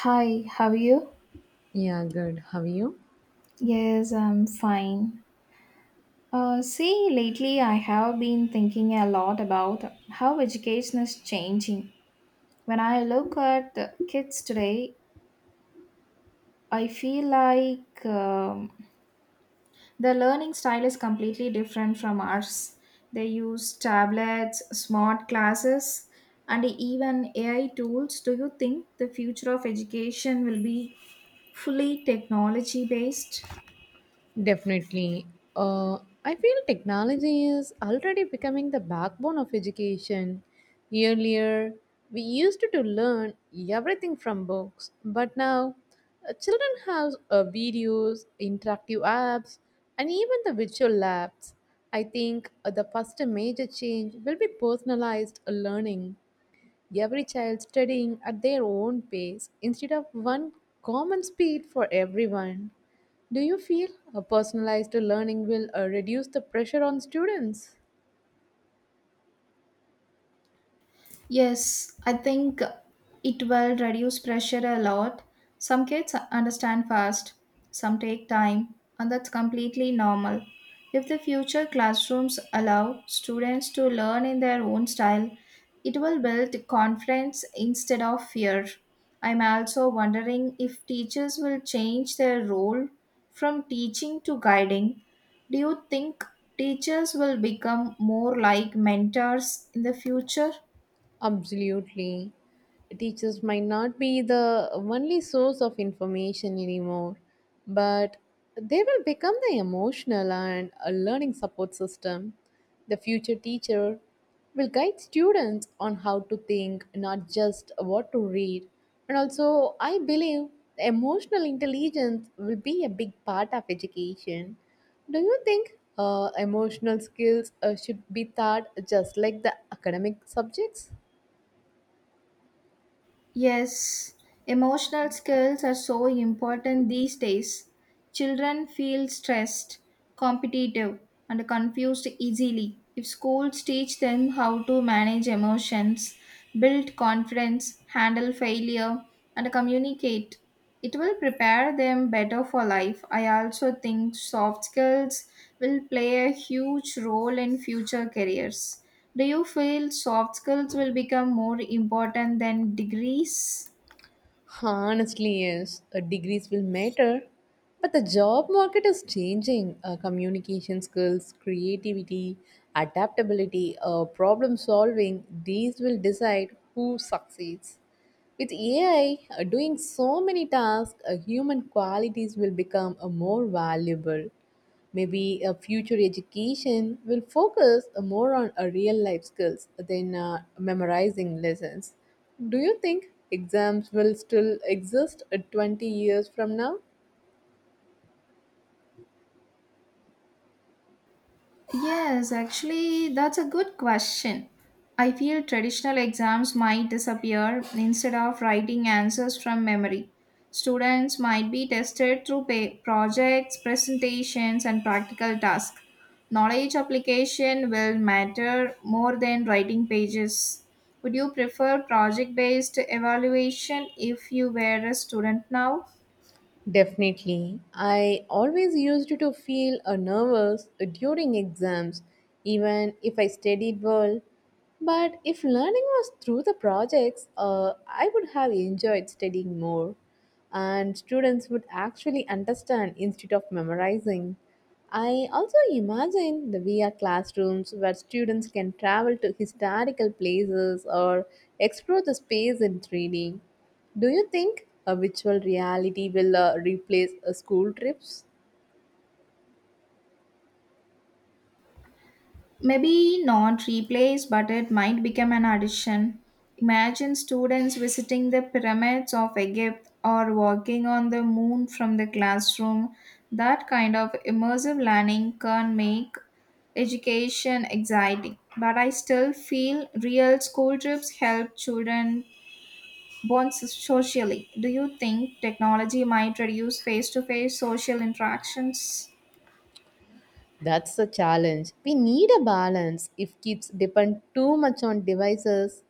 Hi, how are you? Yeah, good. How are you? Yes, I'm fine. See, lately I have been thinking a lot about how education is changing. When I look at the kids today, I feel like the learning style is completely different from ours. They use tablets, smart classes, and even AI tools. Do you think the future of education will be fully technology based? Definitely. Uh, I feel technology is already becoming the backbone of education. Earlier, we used to learn everything from books, but now children have videos, interactive apps, and even the virtual labs. I think the first major change will be personalized learning. Every child studying at their own pace instead of one common speed for everyone. Do you feel a personalized learning will reduce the pressure on students? Yes, I think it will reduce pressure a lot. Some kids understand fast, some take time, and that's completely normal. If the future classrooms allow students to learn in their own style, it will build confidence instead of fear. I'm also wondering if teachers will change their role from teaching to guiding. Do you think teachers will become more like mentors in the future? Absolutely. Teachers might not be the only source of information anymore, but they will become the emotional and a learning support system. The future teacher will guide students on how to think, not just what to read. And also, I believe emotional intelligence will be a big part of education. Do you think emotional skills should be taught just like the academic subjects? Yes, emotional skills are so important these days. Children feel stressed, competitive, and confused easily. If schools teach them how to manage emotions, build confidence, handle failure, and communicate, it will prepare them better for life. I also think soft skills will play a huge role in future careers. Do you feel soft skills will become more important than degrees? Honestly, yes, degrees will matter, but the job market is changing. Communication skills, creativity, adaptability, problem solving, these will decide who succeeds. With AI doing so many tasks, human qualities will become more valuable. Maybe a future education will focus more on real life skills than memorizing lessons. Do you think exams will still exist 20 years from now? Yes, actually, that's a good question. I feel traditional exams might disappear instead of writing answers from memory. Students might be tested through projects, presentations, and practical tasks. Knowledge application will matter more than writing pages. Would you prefer project based evaluation if you were a student now? Definitely. I always used to feel nervous during exams, even if I studied well. But if learning was through the projects, I would have enjoyed studying more, and students would actually understand instead of memorizing. I also imagine the VR classrooms where students can travel to historical places or explore the space in 3D. Do you think a virtual reality will replace school trips? Maybe not replace, but it might become an addition. Imagine students visiting the pyramids of Egypt or walking on the moon from the classroom. That kind of immersive learning can make education exciting. But I still feel real school trips help children bond socially. Do you think technology might reduce face to face social interactions? That's a challenge. We need a balance. If kids depend too much on devices,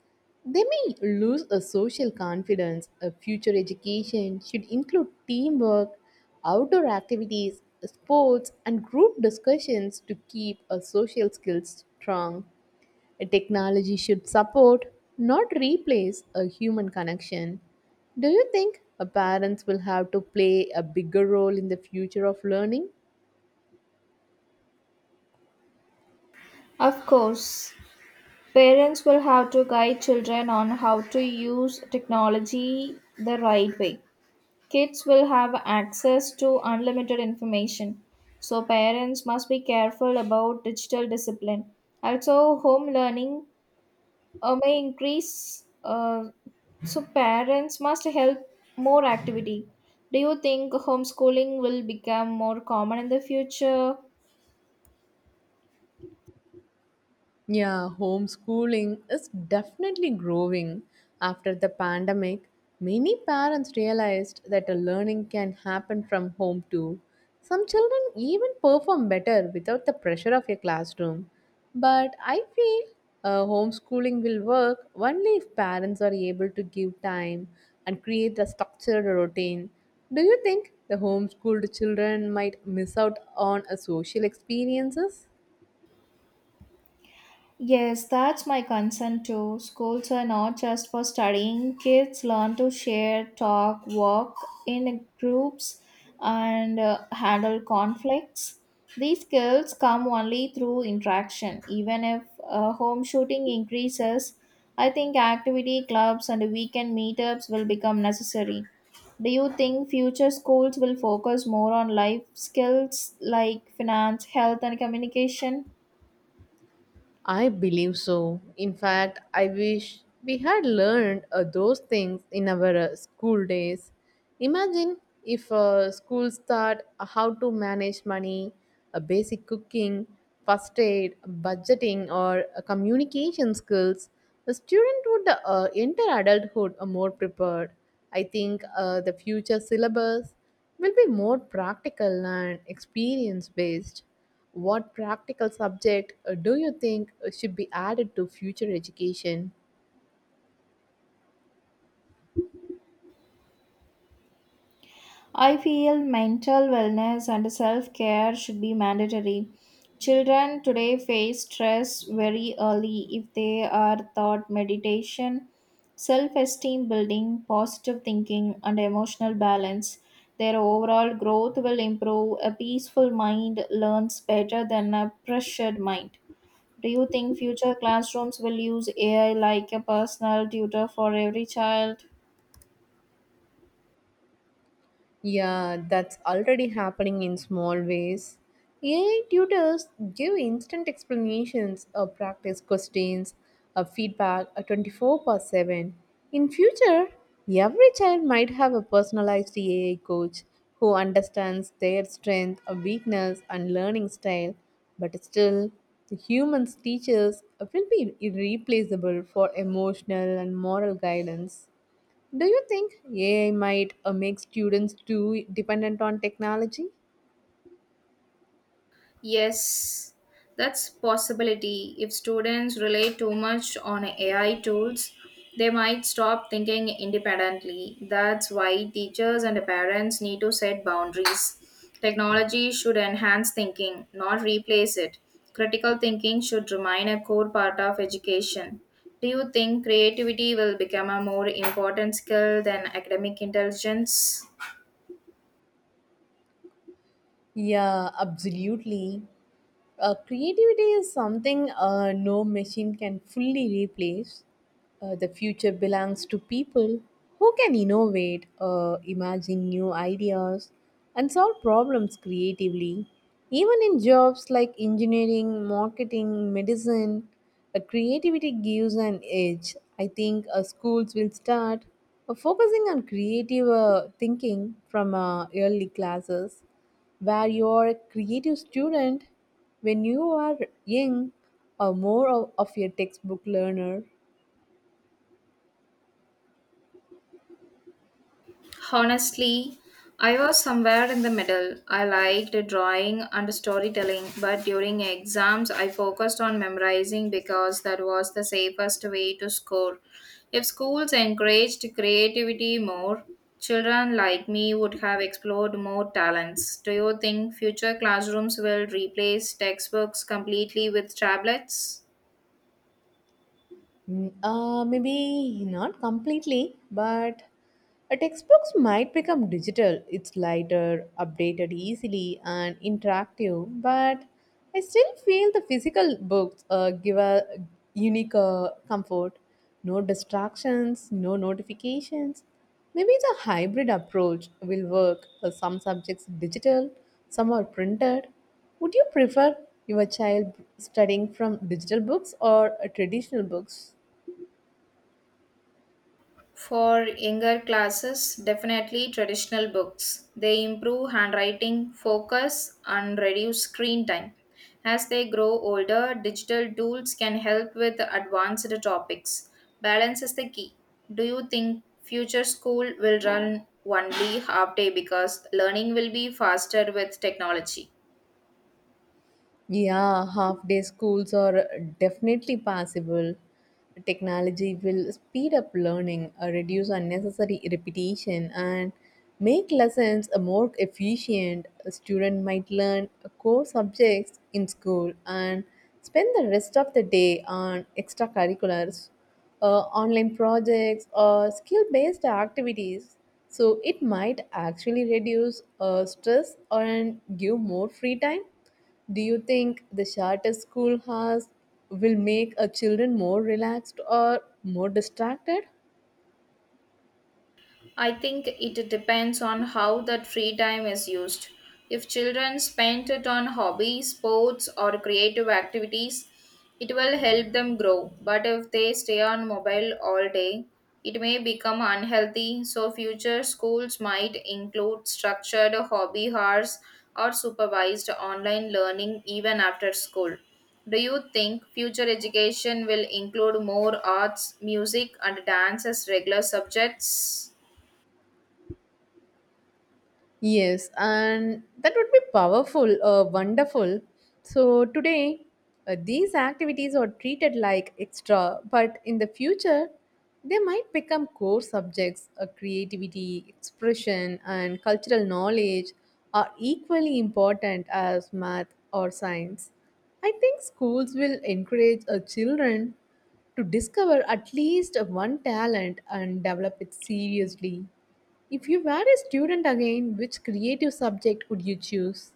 they may lose a social confidence. A future education should include teamwork, outdoor activities, sports, and group discussions to keep our social skills strong. A technology should support, not replace, a human connection. Do you think a parents will have to play a bigger role in the future of learning? Of course, parents will have to guide children on how to use technology the right way. Kids will have access to unlimited information, so parents must be careful about digital discipline. Also, home learning may increase, so parents must help more activity. Do you think homeschooling will become more common in the future? Yeah, homeschooling is definitely growing. After the pandemic, many parents realized that a learning can happen from home too. Some children even perform better without the pressure of a classroom. But I feel homeschooling will work only if parents are able to give time and create a structured routine. Do you think the homeschooled children might miss out on a social experiences? Yes, that's my concern too. Schools are not just for studying. Kids learn to share, talk, work in groups, and handle conflicts. These skills come only through interaction. Even if home shooting increases, I think activity clubs and weekend meetups will become necessary. Do you think future schools will focus more on life skills like finance, health, and communication? I believe so. In fact, I wish we had learned those things in our school days. Imagine if schools taught how to manage money, basic cooking, first aid, budgeting, or communication skills. The student would enter adulthood more prepared. I think the future syllabus will be more practical and experience based. What practical subject do you think should be added to future education? I feel mental wellness and self care should be mandatory. Children today face stress very early if they are taught meditation, self esteem building, positive thinking, and emotional balance. Their overall growth will improve. A peaceful mind learns better than a pressured mind. Do you think future classrooms will use AI like a personal tutor for every child? Yeah, that's already happening in small ways. AI tutors give instant explanations of practice questions, of feedback 24 per 7. In future, every child might have a personalized AI coach who understands their strength, weakness, and learning style. But still, the humans teachers will be irreplaceable for emotional and moral guidance. Do you think AI might make students too dependent on technology? Yes, that's possibility. If students rely too much on AI tools, they might stop thinking independently. That's why teachers and parents need to set boundaries. Technology should enhance thinking, not replace it. Critical thinking should remain a core part of education. Do you think creativity will become a more important skill than academic intelligence? Yeah, absolutely. Creativity is something no machine can fully replace. The future belongs to people who can innovate, imagine new ideas, and solve problems creatively. Even in jobs like engineering, marketing, medicine, creativity gives an edge. I think schools will start focusing on creative thinking from early classes. Where your creative student, when you are young or more of a textbook learner? Honestly, I was somewhere in the middle. I liked drawing and storytelling, but during exams, I focused on memorizing because that was the safest way to score. If schools encouraged creativity more, children like me would have explored more talents. Do you think future classrooms will replace textbooks completely with tablets? Maybe not completely, but a textbooks might become digital. It's lighter, updated easily, and interactive. But I still feel the physical books give a unique comfort. No distractions, no notifications. Maybe the hybrid approach will work. Some subjects digital, some are printed. Would you prefer your child studying from digital books or traditional books? For younger classes, definitely traditional books. They improve handwriting, focus, and reduce screen time. As they grow older, digital tools can help with advanced topics. Balance is the key. Do you think future school will run only half day because learning will be faster with technology? Yeah, half day schools are definitely possible. Technology will speed up learning, reduce unnecessary repetition, and make lessons more efficient. A student might learn core subjects in school and spend the rest of the day on extracurriculars, online projects, or skill based activities. So, it might actually reduce stress and give more free time. Do you think the charter school has will make our children more relaxed or more distracted? I think it depends on how that free time is used. If children spend it on hobbies, sports, or creative activities, it will help them grow. But if they stay on mobile all day, it may become unhealthy. So, future schools might include structured hobby hours or supervised online learning even after school. Do you think future education will include more arts, music, and dance as regular subjects? Yes, and that would be powerful, wonderful. So today, these activities are treated like extra, but in the future, they might become core subjects. Creativity, expression, and cultural knowledge are equally important as math or science. I think schools will encourage children to discover at least one talent and develop it seriously. If you were a student again, which creative subject would you choose?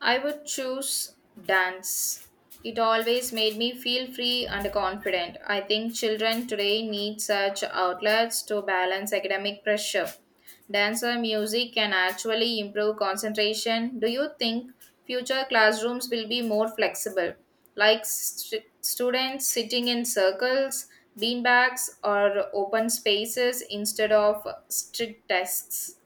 I would choose dance. It always made me feel free and confident. I think children today need such outlets to balance academic pressure. Dance or music can actually improve concentration. Do you think future classrooms will be more flexible, like students sitting in circles, beanbags, or open spaces instead of strict desks?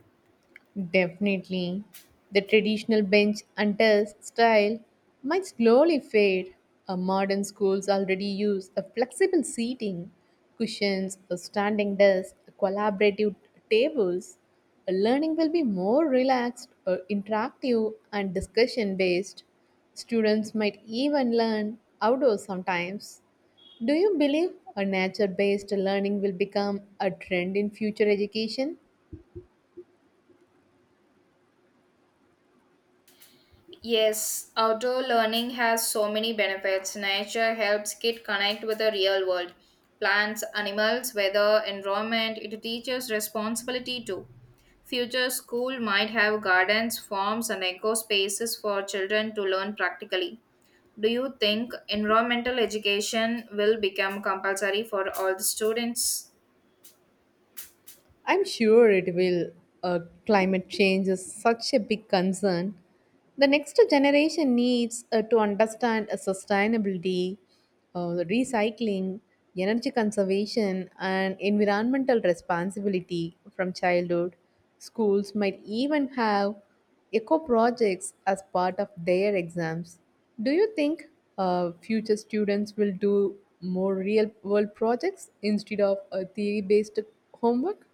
Definitely. The traditional bench and desk style might slowly fade. Our modern schools already use a flexible seating, cushions, a standing desk, a collaborative tables. A learning will be more relaxed, interactive, and discussion based. Students might even learn outdoors sometimes. Do you believe a nature based learning will become a trend in future education? Yes, outdoor learning has so many benefits. Nature helps kid connect with the real world. Plants, animals, weather, environment, it teaches responsibility too. Future school might have gardens, farms and eco spaces for children to learn practically. Do you think environmental education will become compulsory for all the students? I'm sure it will. Uh, Climate change is such a big concern. The next generation needs to understand sustainability, the recycling, energy conservation, and environmental responsibility from childhood. Schools might even have eco projects as part of their exams. Do you think future students will do more real world projects instead of theory based homework?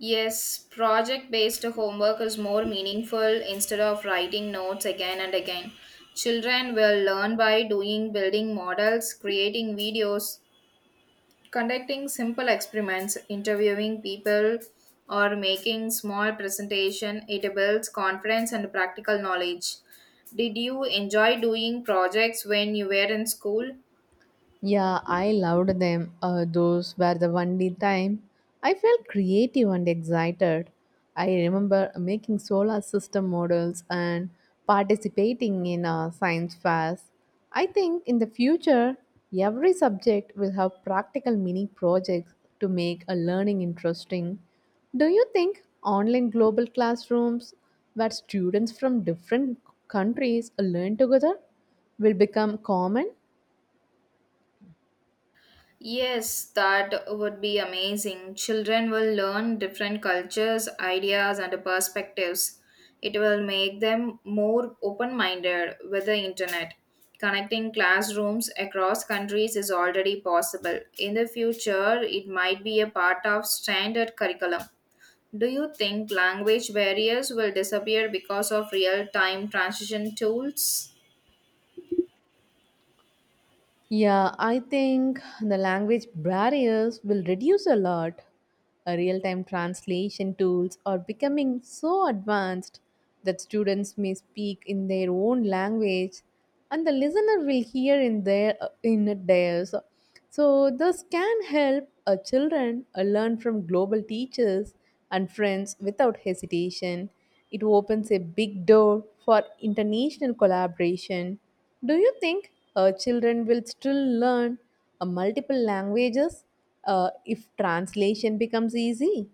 Yes, project based homework is more meaningful instead of writing notes again and again. Children will learn by doing building models, creating videos, conducting simple experiments, interviewing people, or making small presentation. It builds confidence and practical knowledge. Did you enjoy doing projects when you were in school? Yeah, I loved them. Those were the only time I felt creative and excited. I remember making solar system models and participating in science fairs. I think in the future, every subject will have practical mini projects to make a learning interesting. Do you think online global classrooms, where students from different countries learn together, will become common? Yes, that would be amazing. Children will learn different cultures, ideas, and perspectives. It will make them more open minded with the internet. Connecting classrooms across countries is already possible. In the future, it might be a part of standard curriculum. Do you think language barriers will disappear because of real time transition tools? Yeah, I think the language barriers will reduce a lot. A real time translation tools are becoming so advanced that students may speak in their own language and the listener will hear in theirs. So, this can help a children learn from global teachers and friends without hesitation. It opens a big door for international collaboration. Do you think children will still learn multiple languages if translation becomes easy?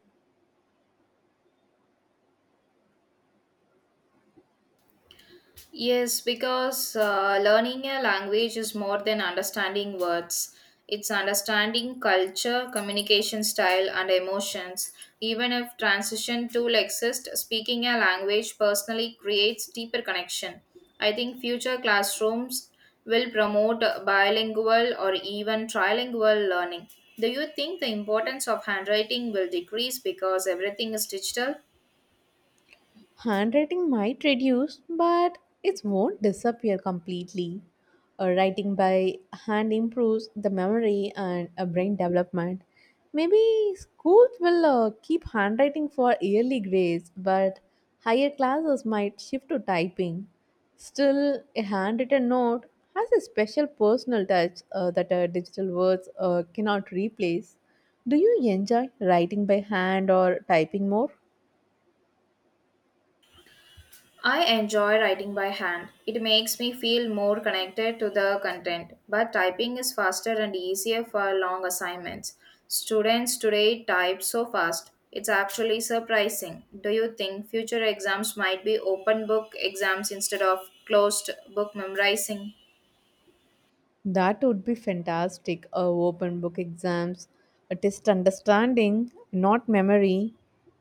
Yes, because learning a language is more than understanding words. It's understanding culture, communication style, and emotions. Even if transition tool exists, speaking a language personally creates deeper connection. I think future classrooms will promote bilingual or even trilingual learning. Do you think the importance of handwriting will decrease because everything is digital? Handwriting might reduce, but it won't disappear completely. Writing by hand improves the memory and brain development. Maybe schools will keep handwriting for yearly grades, but higher classes might shift to typing. Still, a handwritten note has a special personal touch that digital words cannot replace. Do you enjoy writing by hand or typing more? I enjoy writing by hand. It makes me feel more connected to the content, but typing is faster and easier for long assignments. Students today type so fast. It's actually surprising. Do you think future exams might be open book exams instead of closed book memorizing? That would be fantastic. Open book exams, a test understanding, not memory.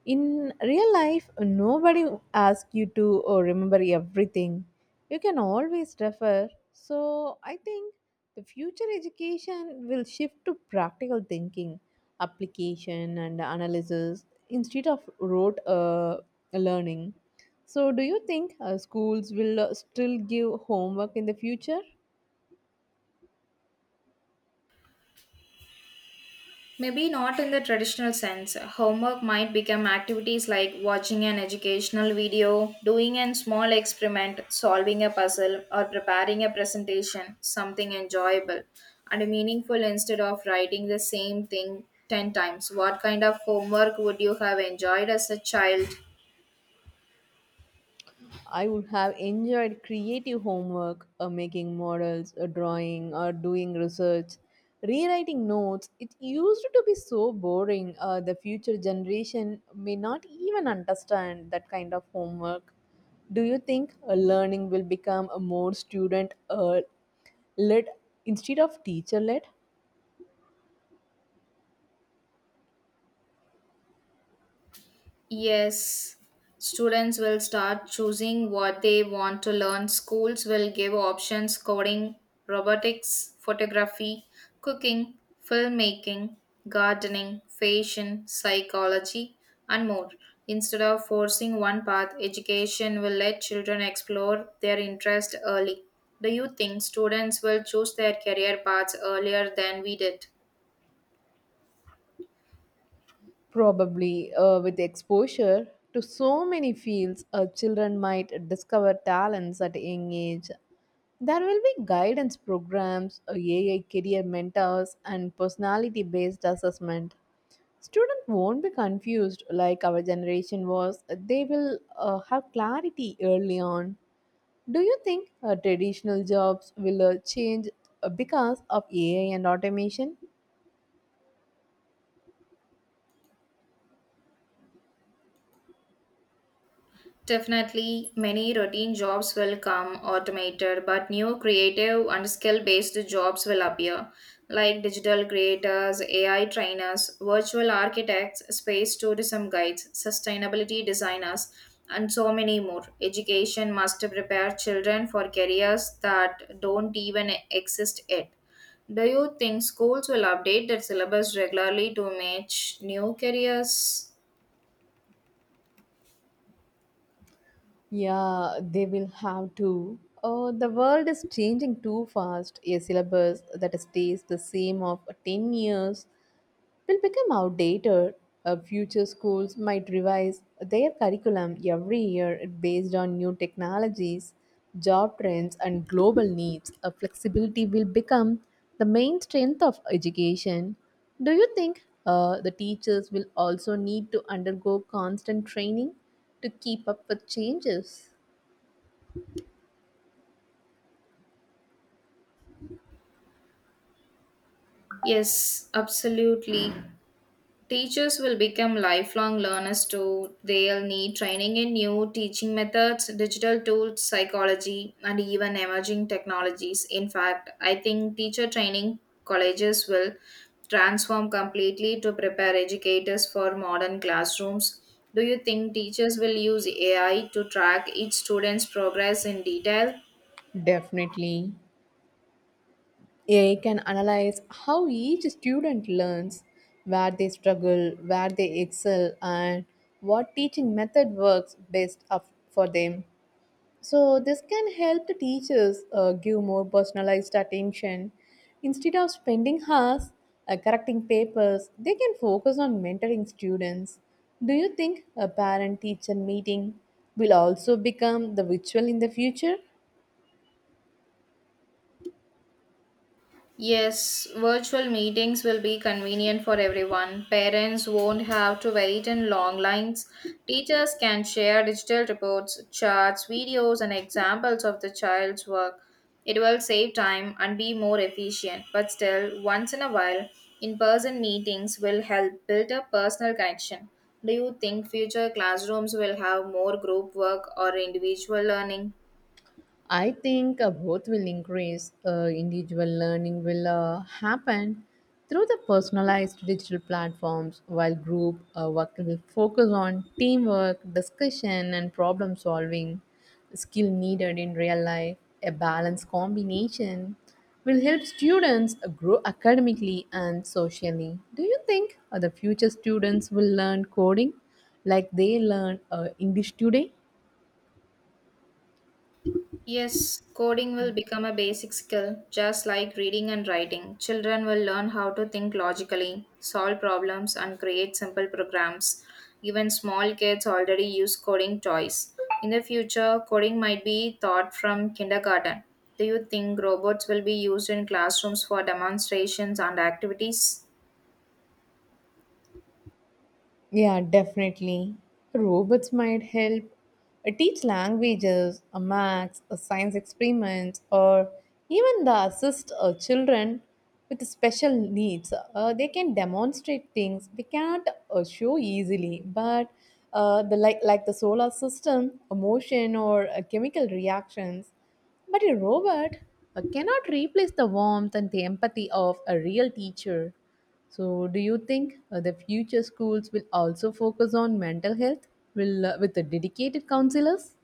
In real life, nobody asks you to remember everything. You can always refer. So I think the future education will shift to practical thinking, application, and analysis instead of rote learning. So, do you think schools will still give homework in the future? Maybe not in the traditional sense. Homework might become activities like watching an educational video, doing a small experiment, solving a puzzle, or preparing a presentation, something enjoyable and meaningful instead of writing the same thing 10 times. What kind of homework would you have enjoyed as a child? I would have enjoyed creative homework, or making models, or drawing, or doing research, rewriting notes. It used to be so boring. The future generation may not even understand that kind of homework. Do you think learning will become a more student led instead of teacher led? Yes, students will start choosing what they want to learn. Schools will give options coding, robotics, photography, cooking, filmmaking, gardening, fashion, psychology, and more. Instead of forcing one path, education will let children explore their interest early. Do you think students will choose their career paths earlier than we did? Probably with exposure to so many fields, children might discover talents at a young age. There will be guidance programs, AI career mentors, and personality based assessment. Students won't be confused like our generation was. They will have clarity early on. Do you think traditional jobs will change because of AI and automation? Definitely, many routine jobs will come automated, but new creative and skill based jobs will appear, like digital creators, AI trainers, virtual architects, space tourism guides, sustainability designers, and so many more. Education must prepare children for careers that don't even exist yet. Do you think schools will update their syllabus regularly to match new careers? Yeah, they will have to. Oh, the world is changing too fast. A syllabus that stays the same of 10 years will become outdated. Future schools might revise their curriculum every year based on new technologies, job trends, and global needs. Flexibility will become the main strength of education. Do you think the teachers will also need to undergo constant training to keep up with changes? Yes, absolutely. Teachers will become lifelong learners too. They'll need training in new teaching methods, digital tools, psychology, and even emerging technologies. In fact, I think teacher training colleges will transform completely to prepare educators for modern classrooms. Do you think teachers will use AI to track each student's progress in detail? Definitely. AI can analyze how each student learns, where they struggle, where they excel, and what teaching method works best for them. So, this can help the teachers give more personalized attention. Instead of spending hours correcting papers, they can focus on mentoring students. Do you think a parent teacher meeting will also become the virtual in the future? Yes, virtual meetings will be convenient for everyone. Parents won't have to wait in long lines. Teachers can share digital reports, charts, videos, and examples of the child's work. It will save time and be more efficient, but still, once in a while, in person meetings will help build a personal connection. Do you think future classrooms will have more group work or individual learning? I think both will increase. Individual learning will happen through the personalized digital platforms, while group work will focus on teamwork, discussion, and problem solving. The skill needed in real life, a balanced combination, will help students grow academically and socially. Do you think the future students will learn coding like they learn English today? Yes, coding will become a basic skill, just like reading and writing. Children will learn how to think logically, solve problems, and create simple programs. Even small kids already use coding toys. In the future, coding might be taught from kindergarten. Do you think robots will be used in classrooms for demonstrations and activities? Yeah, definitely. Robots might help teach languages, maths, science experiments, or even the assist children with special needs. They can demonstrate things they can't show easily, but the like the solar system, motion, or chemical reactions. But a robot cannot replace the warmth and the empathy of a real teacher. So, do you think the future schools will also focus on mental health will, with the dedicated counselors?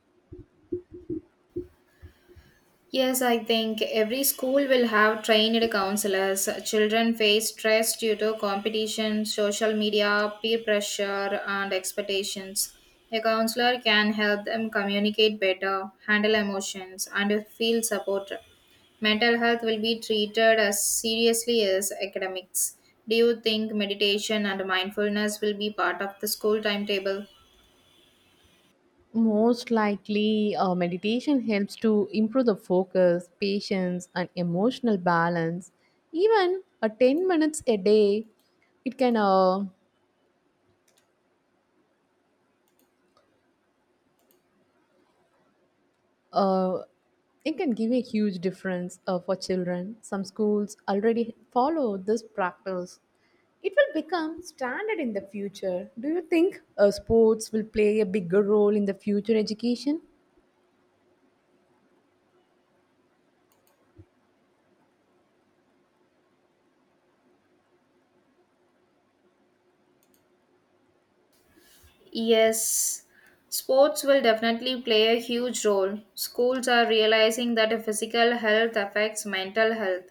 Yes, I think every school will have trained counselors. Children face stress due to competition, social media, peer pressure, and expectations. A counselor can help them communicate better, handle emotions, and feel supported. Mental health will be treated as seriously as academics. Do you think meditation and mindfulness will be part of the school timetable? Most likely, meditation helps to improve the focus, patience, and emotional balance. Even a 10 minutes a day, it can uh, uh, it can give a huge difference for children. Some schools already follow this practice. It will become standard in the future. Do you think sports will play a bigger role in the future education? Yes, sports will definitely play a huge role. Schools are realizing that physical health affects mental health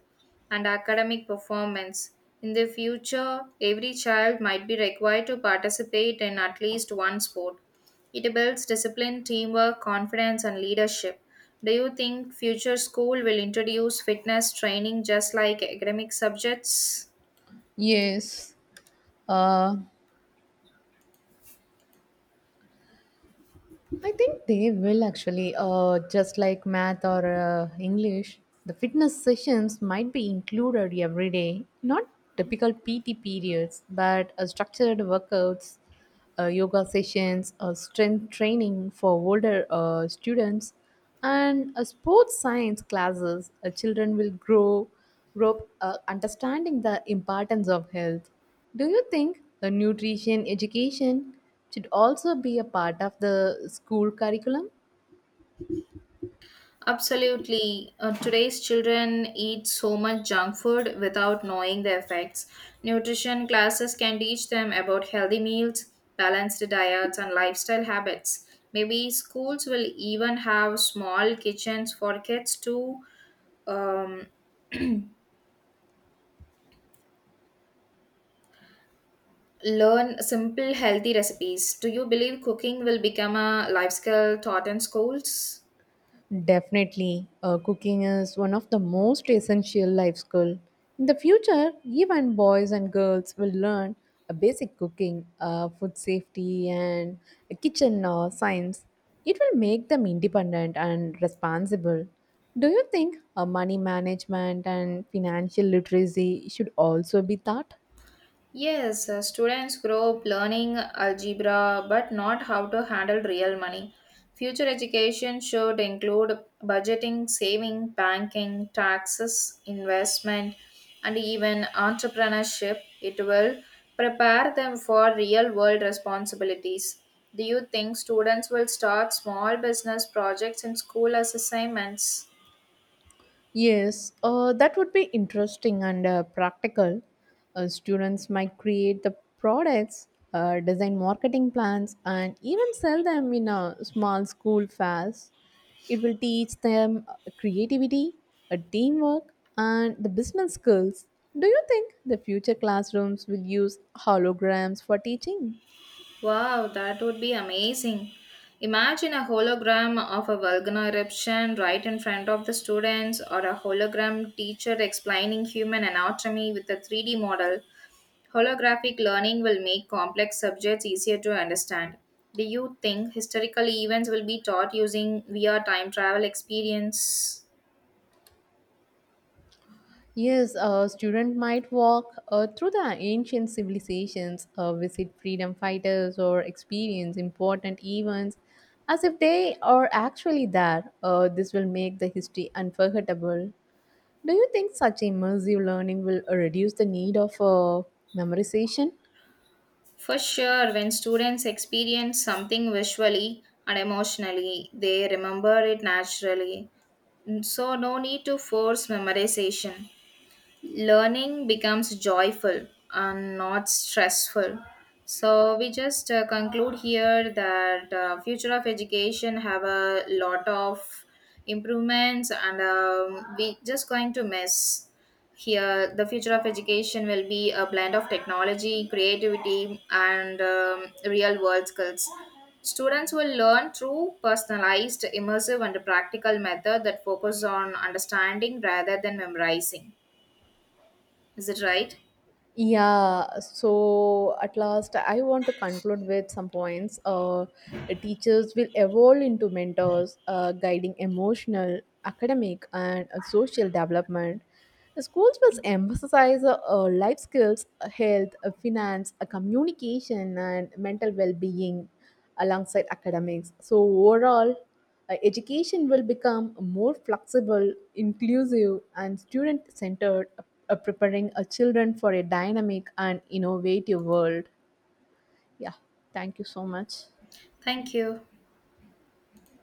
and academic performance. In the future, every child might be required to participate in at least one sport. It builds discipline, teamwork, confidence, and leadership. Do you think future school will introduce fitness training just like academic subjects? Yes, Uh, I think they will actually, just like math or English, the fitness sessions might be included every day, not typical PT periods, but structured workouts, yoga sessions, or strength training for older students and sports science classes. Children will grow up understanding the importance of health. Do you think the nutrition education should also be a part of the school curriculum? Absolutely. Today's children eat so much junk food without knowing the effects. Nutrition classes can teach them about healthy meals, balanced diets, and lifestyle habits. Maybe schools will even have small kitchens for kids to um, learn simple healthy recipes. Do you believe cooking will become a life skill taught in schools? Definitely, cooking is one of the most essential life skill. In the future, even boys and girls will learn a basic cooking, food safety, and a kitchen science. It will make them independent and responsible. Do you think money management and financial literacy should also be taught? Yes, students grow up learning algebra but not how to handle real money. Future education should include budgeting, saving, banking, taxes, investment, and even entrepreneurship. It will prepare them for real world responsibilities. Do you think students will start small business projects in school as assignments? Yes, that would be interesting and practical. Students might create the products, design marketing plans, and even sell them in a small school fairs. It will teach them creativity, teamwork, and the business skills. Do you think the future classrooms will use holograms for teaching? Wow, that would be amazing. Imagine a hologram of a volcano eruption right in front of the students, or a hologram teacher explaining human anatomy with a 3D model. Holographic learning will make complex subjects easier to understand. Do you think historical events will be taught using VR time travel experience? Yes, a student might walk through the ancient civilizations, visit freedom fighters, or experience important events as if they are actually there. This will make the history unforgettable. Do you think such immersive learning will reduce the need of memorization? For sure, when students experience something visually and emotionally, they remember it naturally. So, no need to force memorization. Learning becomes joyful and not stressful. So we just conclude here that future of education have a lot of improvements, and we just going to miss here. The future of education will be a blend of technology, creativity, and real world skills. Students will learn through personalized, immersive, and practical method that focus on understanding rather than memorizing. Is it right? Yeah, so at last, I want to conclude with some points. Teachers will evolve into mentors, guiding emotional, academic, and social development. The schools will emphasize life skills, health, finance, communication, and mental well being alongside academics. So, overall, education will become more flexible, inclusive, and student centered, preparing children for a dynamic and innovative world. Yeah, thank you so much. Thank you.